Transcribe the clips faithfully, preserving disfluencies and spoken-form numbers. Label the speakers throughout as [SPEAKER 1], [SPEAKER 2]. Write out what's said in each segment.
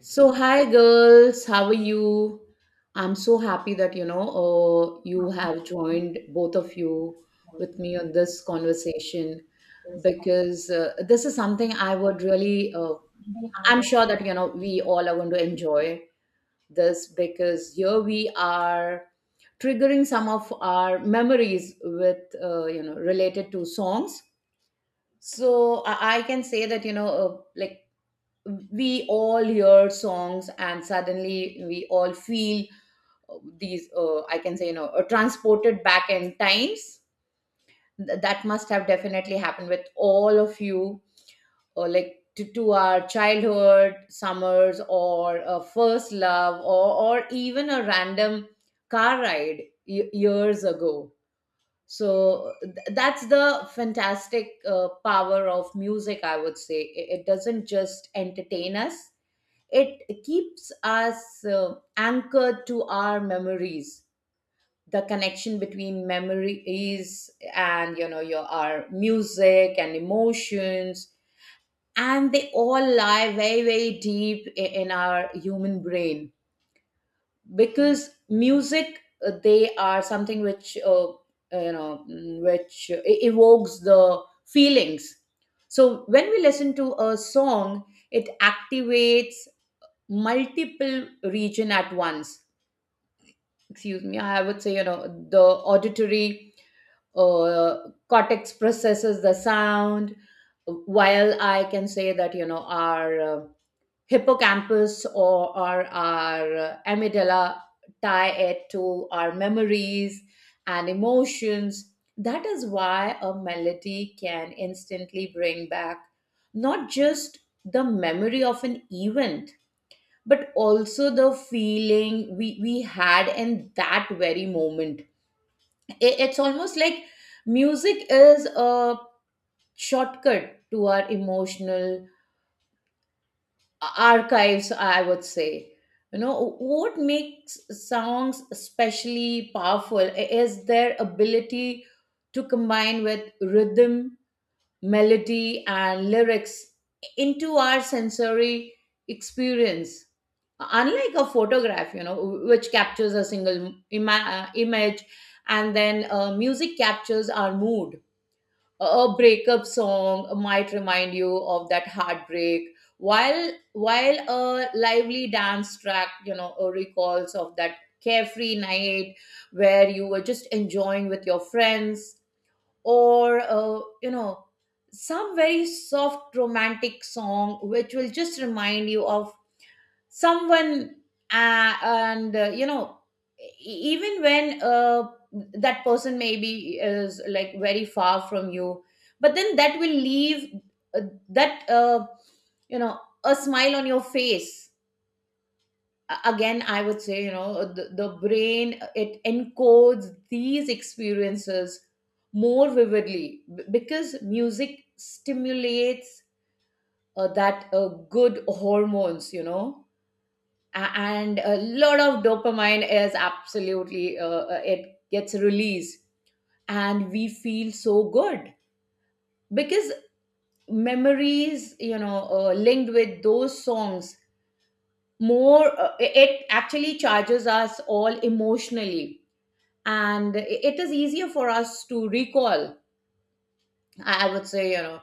[SPEAKER 1] So, hi girls, how are you? I'm so happy that you know uh, you have joined, both of you, with me on this conversation because uh, this is something I would really, uh, I'm sure that you know we all are going to enjoy this, because here we are triggering some of our memories with uh, you know related to songs. So I, I can say that you know uh, like, we all hear songs and suddenly we all feel uh, these uh, I can say you know uh, transported back in times. Th- that must have definitely happened with all of you, or like, to, to our childhood summers, or a first love, or, or even a random car ride y- years ago. So th- that's the fantastic uh, power of music, I would say. It it doesn't just entertain us, it keeps us uh, anchored to our memories. The connection between memories and you know your our music and emotions, and they all lie very very deep i- in our human brain, because music, uh, they are something which uh, uh, you know mm, which uh, e- evokes the feelings. So when we listen to a song, it activates multiple region at once. Excuse me, I would say, you know, the auditory uh, cortex processes the sound, while I can say that you know our uh, hippocampus, or, or our uh, amygdala tie it to our memories and emotions. That is why a melody can instantly bring back not just the memory of an event, but also the feeling we we had in that very moment. I- it's almost like music is a shortcut to our emotional archives, I would say. You know, what makes songs especially powerful is their ability to combine with rhythm, melody and lyrics into our sensory experience. Unlike a photograph, you know, which captures a single ima- uh, image, and then uh, music captures our mood. A breakup song might remind you of that heartbreak, while while a lively dance track, you know, uh, recalls of that carefree night where you were just enjoying with your friends. Or uh, you know some very soft romantic song which will just remind you of someone. Uh, and uh, you know e- Even when uh, that person maybe is like very far from you, but then that will leave uh, that uh, you know a smile on your face. A- again I would say, you know, the, the brain, uh, it encodes these experiences more vividly, b- because music stimulates uh, that uh, good hormones, you know, a- and a lot of dopamine is absolutely, uh, uh, it gets released, and we feel so good because memories, you know uh, linked with those songs more, uh, it actually charges us all emotionally, and it is easier for us to recall. I I would say, you know,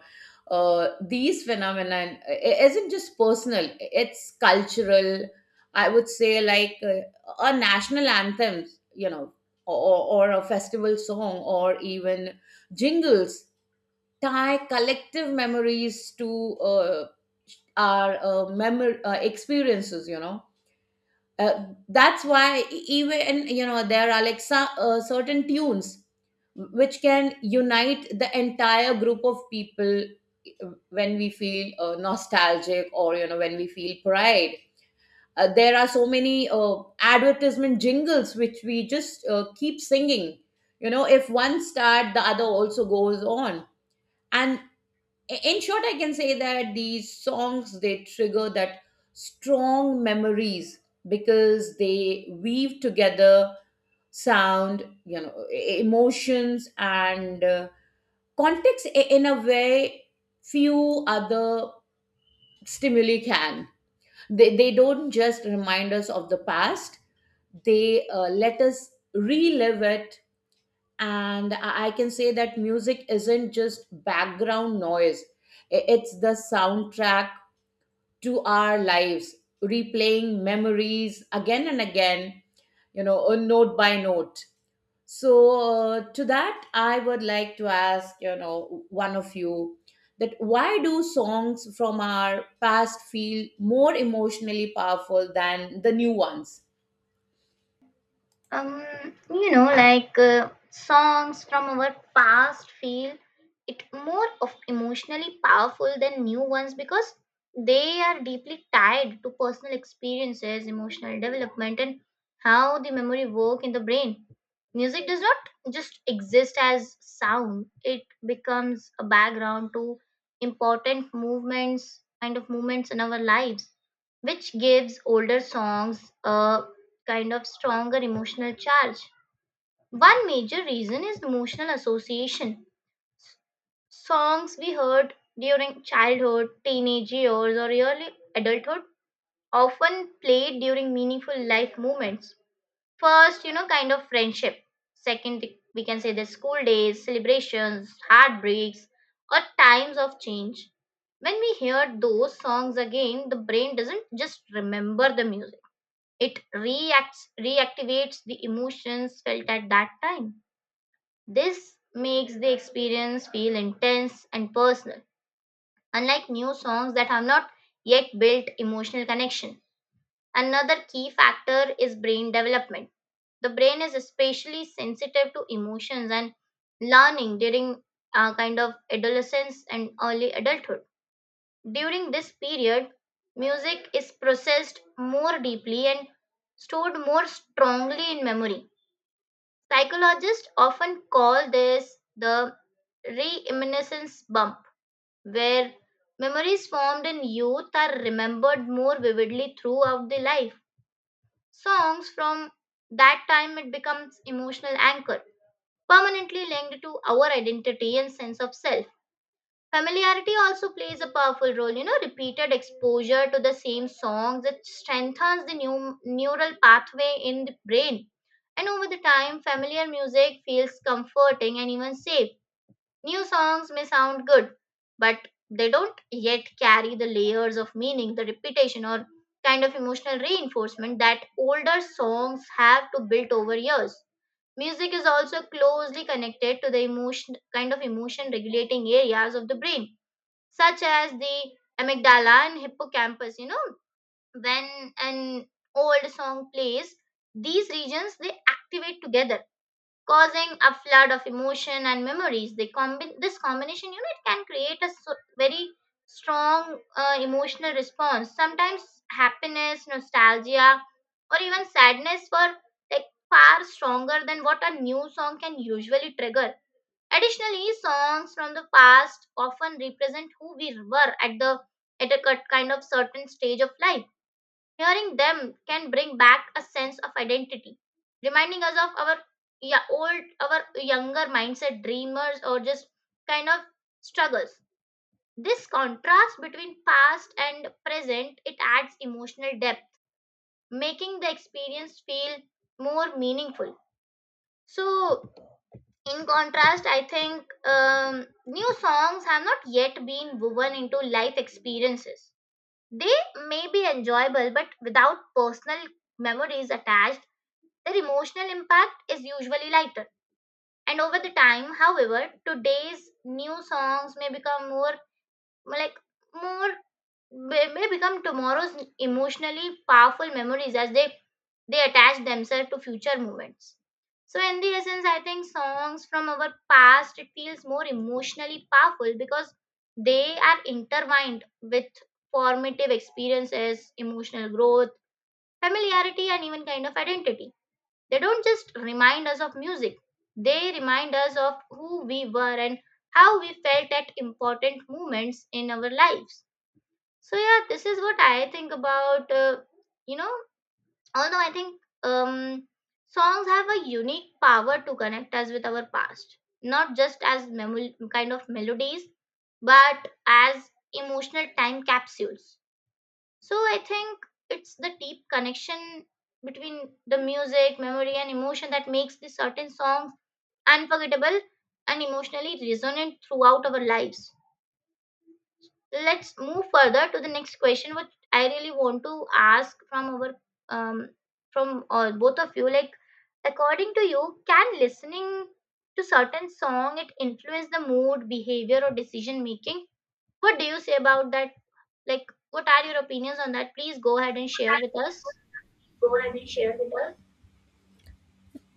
[SPEAKER 1] uh, these phenomena i- isn't just personal, it's cultural. I would say, like uh, a national anthem, you know, or, or a festival song, or even jingles tie collective memories to uh, our uh, memor- uh, experiences, you know. Uh, that's why e- even you know there are like some, uh, certain tunes which can unite the entire group of people uh, when we feel uh, nostalgic, or you know when we feel pride. Uh, there are so many uh, advertisement jingles which we just uh, keep singing, you know, if one start the other also goes on. And in short I can say that these songs, they trigger that strong memories because they weave together sound, you know, e- e-, emotions and uh, context i- in a way few other stimuli can. They, they don't just remind us of the past, they uh, let us relive it. And i I can say that music isn't just background noise, I- it's the soundtrack to our lives, replaying memories again and again, you know, uh, note by note. So uh, to that I would like to ask, you know, one of you, that why do songs from our past feel more emotionally powerful than the new ones?
[SPEAKER 2] um you know like uh, songs from our past feel it more of emotionally powerful than new ones because they are deeply tied to personal experiences, emotional development, and how the memory work in the brain. Music does not just exist as sound, it becomes a background to important movements, kind of movements in our lives, which gives older songs a kind of stronger emotional charge. One major reason is emotional association. Songs we heard during childhood, teenage years, or early adulthood often played during meaningful life moments. First, you know, kind of friendship. Second, we can say the school days, celebrations, heartbreaks, or times of change. When we hear those songs again, the brain doesn't just remember the music, it reacts, reactivates the emotions felt at that time. This makes the experience feel intense and personal, unlike new songs that have not yet built emotional connection. Another key factor is brain development. The brain is especially sensitive to emotions and learning during uh, kind of adolescence and early adulthood. During this period, music is processed more deeply and stored more strongly in memory. Psychologists often call this the reminiscence bump, where memories formed in youth are remembered more vividly throughout the life. Songs from that time it becomes emotional anchor, permanently linked to our identity and sense of self. Familiarity also plays a powerful role. You know, repeated exposure to the same songs it strengthens the new neural pathway in the brain, and over the time, familiar music feels comforting and even safe. New songs may sound good, but they don't yet carry the layers of meaning, the repetition, or kind of emotional reinforcement that older songs have to build over years. Music is also closely connected to the emotion, kind of emotion regulating areas of the brain such as the amygdala and hippocampus, you know, when an old song plays these regions they activate together, causing a flood of emotion and memories. They combi- this combination, you know, it can create a so- very strong uh, emotional response, sometimes happiness, nostalgia, or even sadness, for like far stronger than what a new song can usually trigger. Additionally, songs from the past often represent who we were at the at a cut- kind of certain stage of life. Hearing them can bring back a sense of identity, reminding us of our, yeah, old, our younger mindset, dreamers, or just kind of struggles. This contrast between past and present it adds emotional depth, making the experience feel more meaningful. So in contrast I think um, new songs have not yet been woven into life experiences. They may be enjoyable but without personal memories attached, their emotional impact is usually lighter. And over the time, however, today's new songs may become more like more they may become tomorrow's emotionally powerful memories as they, they attach themselves to future moments. So, in the essence, I think songs from our past it feels more emotionally powerful because they are intertwined with formative experiences, emotional growth, familiarity, and even kind of identity. They don't just remind us of music; they remind us of who we were and how we felt at important moments in our lives. So yeah, this is what I think about. Uh, you know, although I think um, songs have a unique power to connect us with our past, not just as memo- kind of melodies, but as emotional time capsules. So I think it's the deep connection between the music, memory, and emotion that makes the certain songs unforgettable and emotionally resonant throughout our lives. Let's move further to the next question, which I really want to ask from our, um from all both of you, like, according to you, can listening to certain song it influence the mood, behavior, or decision making? What do you say about that? Like, what are your opinions on that? Please go ahead and share with us.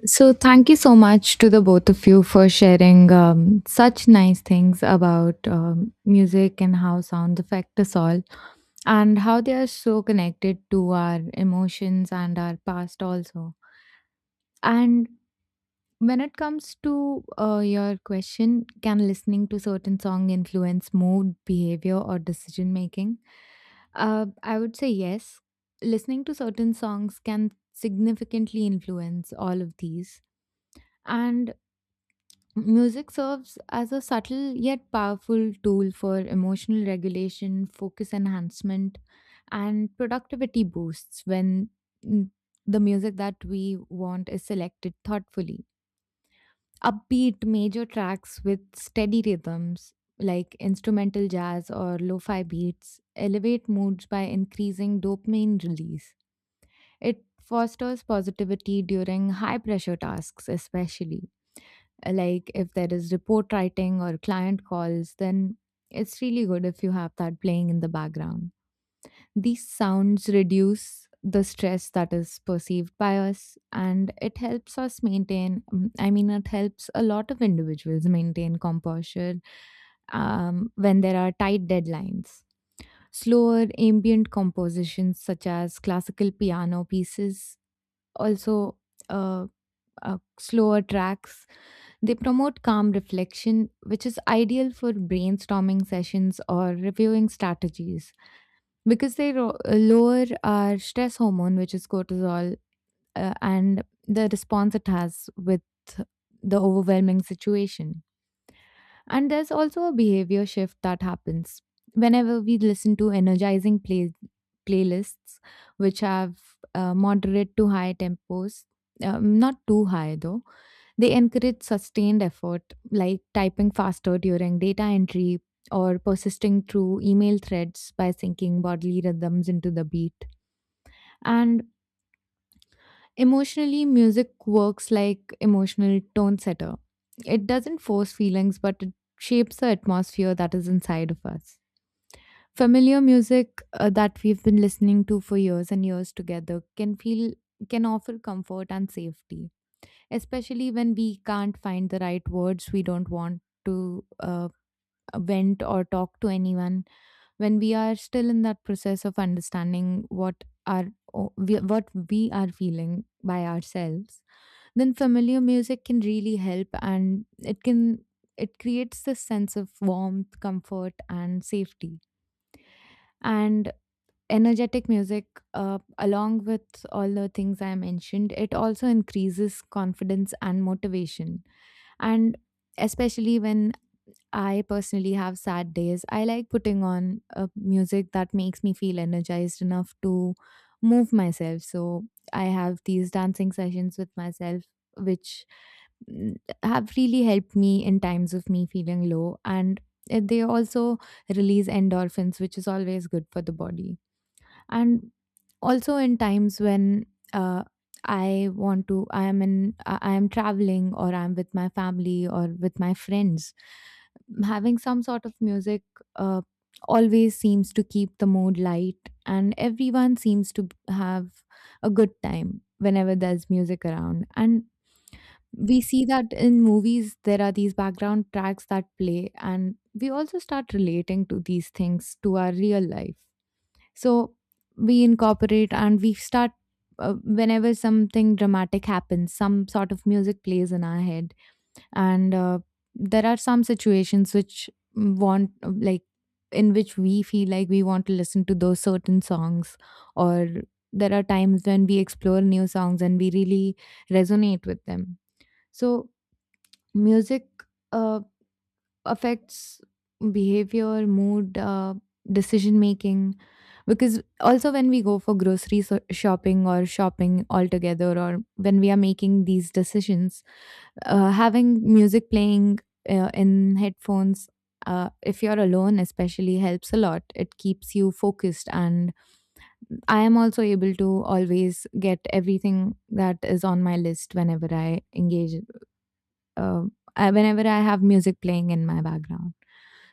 [SPEAKER 3] So, thank you so much to the both of you for sharing um, such nice things about um, music and how sounds affect us all, and how they are so connected to our emotions and our past, also. And when it comes to uh, your question, can listening to certain song influence mood, behavior, or decision making? Uh, I would say yes. Listening to certain songs can significantly influence all of these. And music serves as a subtle yet powerful tool for emotional regulation, focus enhancement, and productivity boosts when mm, the music that we want is selected thoughtfully. Upbeat major tracks with steady rhythms, like instrumental jazz or lo fi beats, elevate moods by increasing dopamine release. It fosters positivity during high pressure tasks, especially uh, like if there is report writing or client calls, then it's really good if you have that playing in the background. These sounds reduce the stress that is perceived by us, and it helps us maintain, mm, I mean, it helps a lot of individuals maintain composure um, when there are tight deadlines. Slower ambient compositions such as classical piano pieces, also, uh, uh, slower tracks, they promote calm reflection, which is ideal for brainstorming sessions or reviewing strategies because they ro- uh, lower our stress hormone, which is cortisol, uh, and the response it has with the overwhelming situation. And there's also a behavior shift that happens whenever we listen to energizing play- playlists, which have uh, moderate to high tempos, um, not too high though. They encourage sustained effort, like typing faster during data entry or persisting through email threads by syncing bodily rhythms into the beat. And emotionally, music works like emotional tone setter. It doesn't force feelings, but it shapes the atmosphere that is inside of us. Familiar music uh, that we've been listening to for years and years together can feel can offer comfort and safety, especially when we can't find the right words, we don't want to uh, vent or talk to anyone, when we are still in that process of understanding what our o- we- what we are feeling by ourselves, then familiar music can really help, and it can it creates this sense of warmth, comfort and safety. And energetic music, uh, along with all the things I mentioned, it also increases confidence and motivation. And especially when I personally have sad days, I like putting on uh, music that makes me feel energized enough to move myself, so I have these dancing sessions with myself, which, mm, have really helped me in times of me feeling low. And uh, they also release endorphins, which is always good for the body. And also in times when, uh, I want to i am in i I am traveling, or I'm with my family or with my friends, having some sort of music uh, always seems to keep the mood light, and everyone seems to b- have a good time whenever there's music around. And we see that in movies, there are these background tracks that play, and we also start relating to these things to our real life. So we incorporate, and we start, uh, whenever something dramatic happens, some sort of music plays in our head. And uh, there are some situations which want, like, in which we feel like we want to listen to those certain songs, or there are times when we explore new songs and we really resonate with them. So, music Uh, affects behavior, mood, uh, decision making. Because also, when we go for grocery so- shopping or shopping altogether, or when we are making these decisions, uh, having music playing uh, in headphones, uh, if you're alone, especially, helps a lot. It keeps you focused, and I am also able to always get everything that is on my list whenever I engage, uh, uh, whenever I have music playing in my background.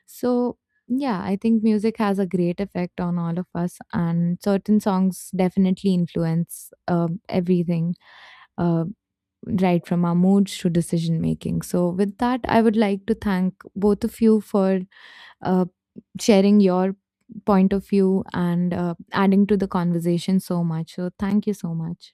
[SPEAKER 3] So, yeah, I think music has a great effect on all of us, and certain songs definitely influence uh, everything, uh, right from our moods to decision making. So, with that, I would like to thank both of you for uh, sharing your point of view and uh, adding to the conversation so much. So, thank you so much.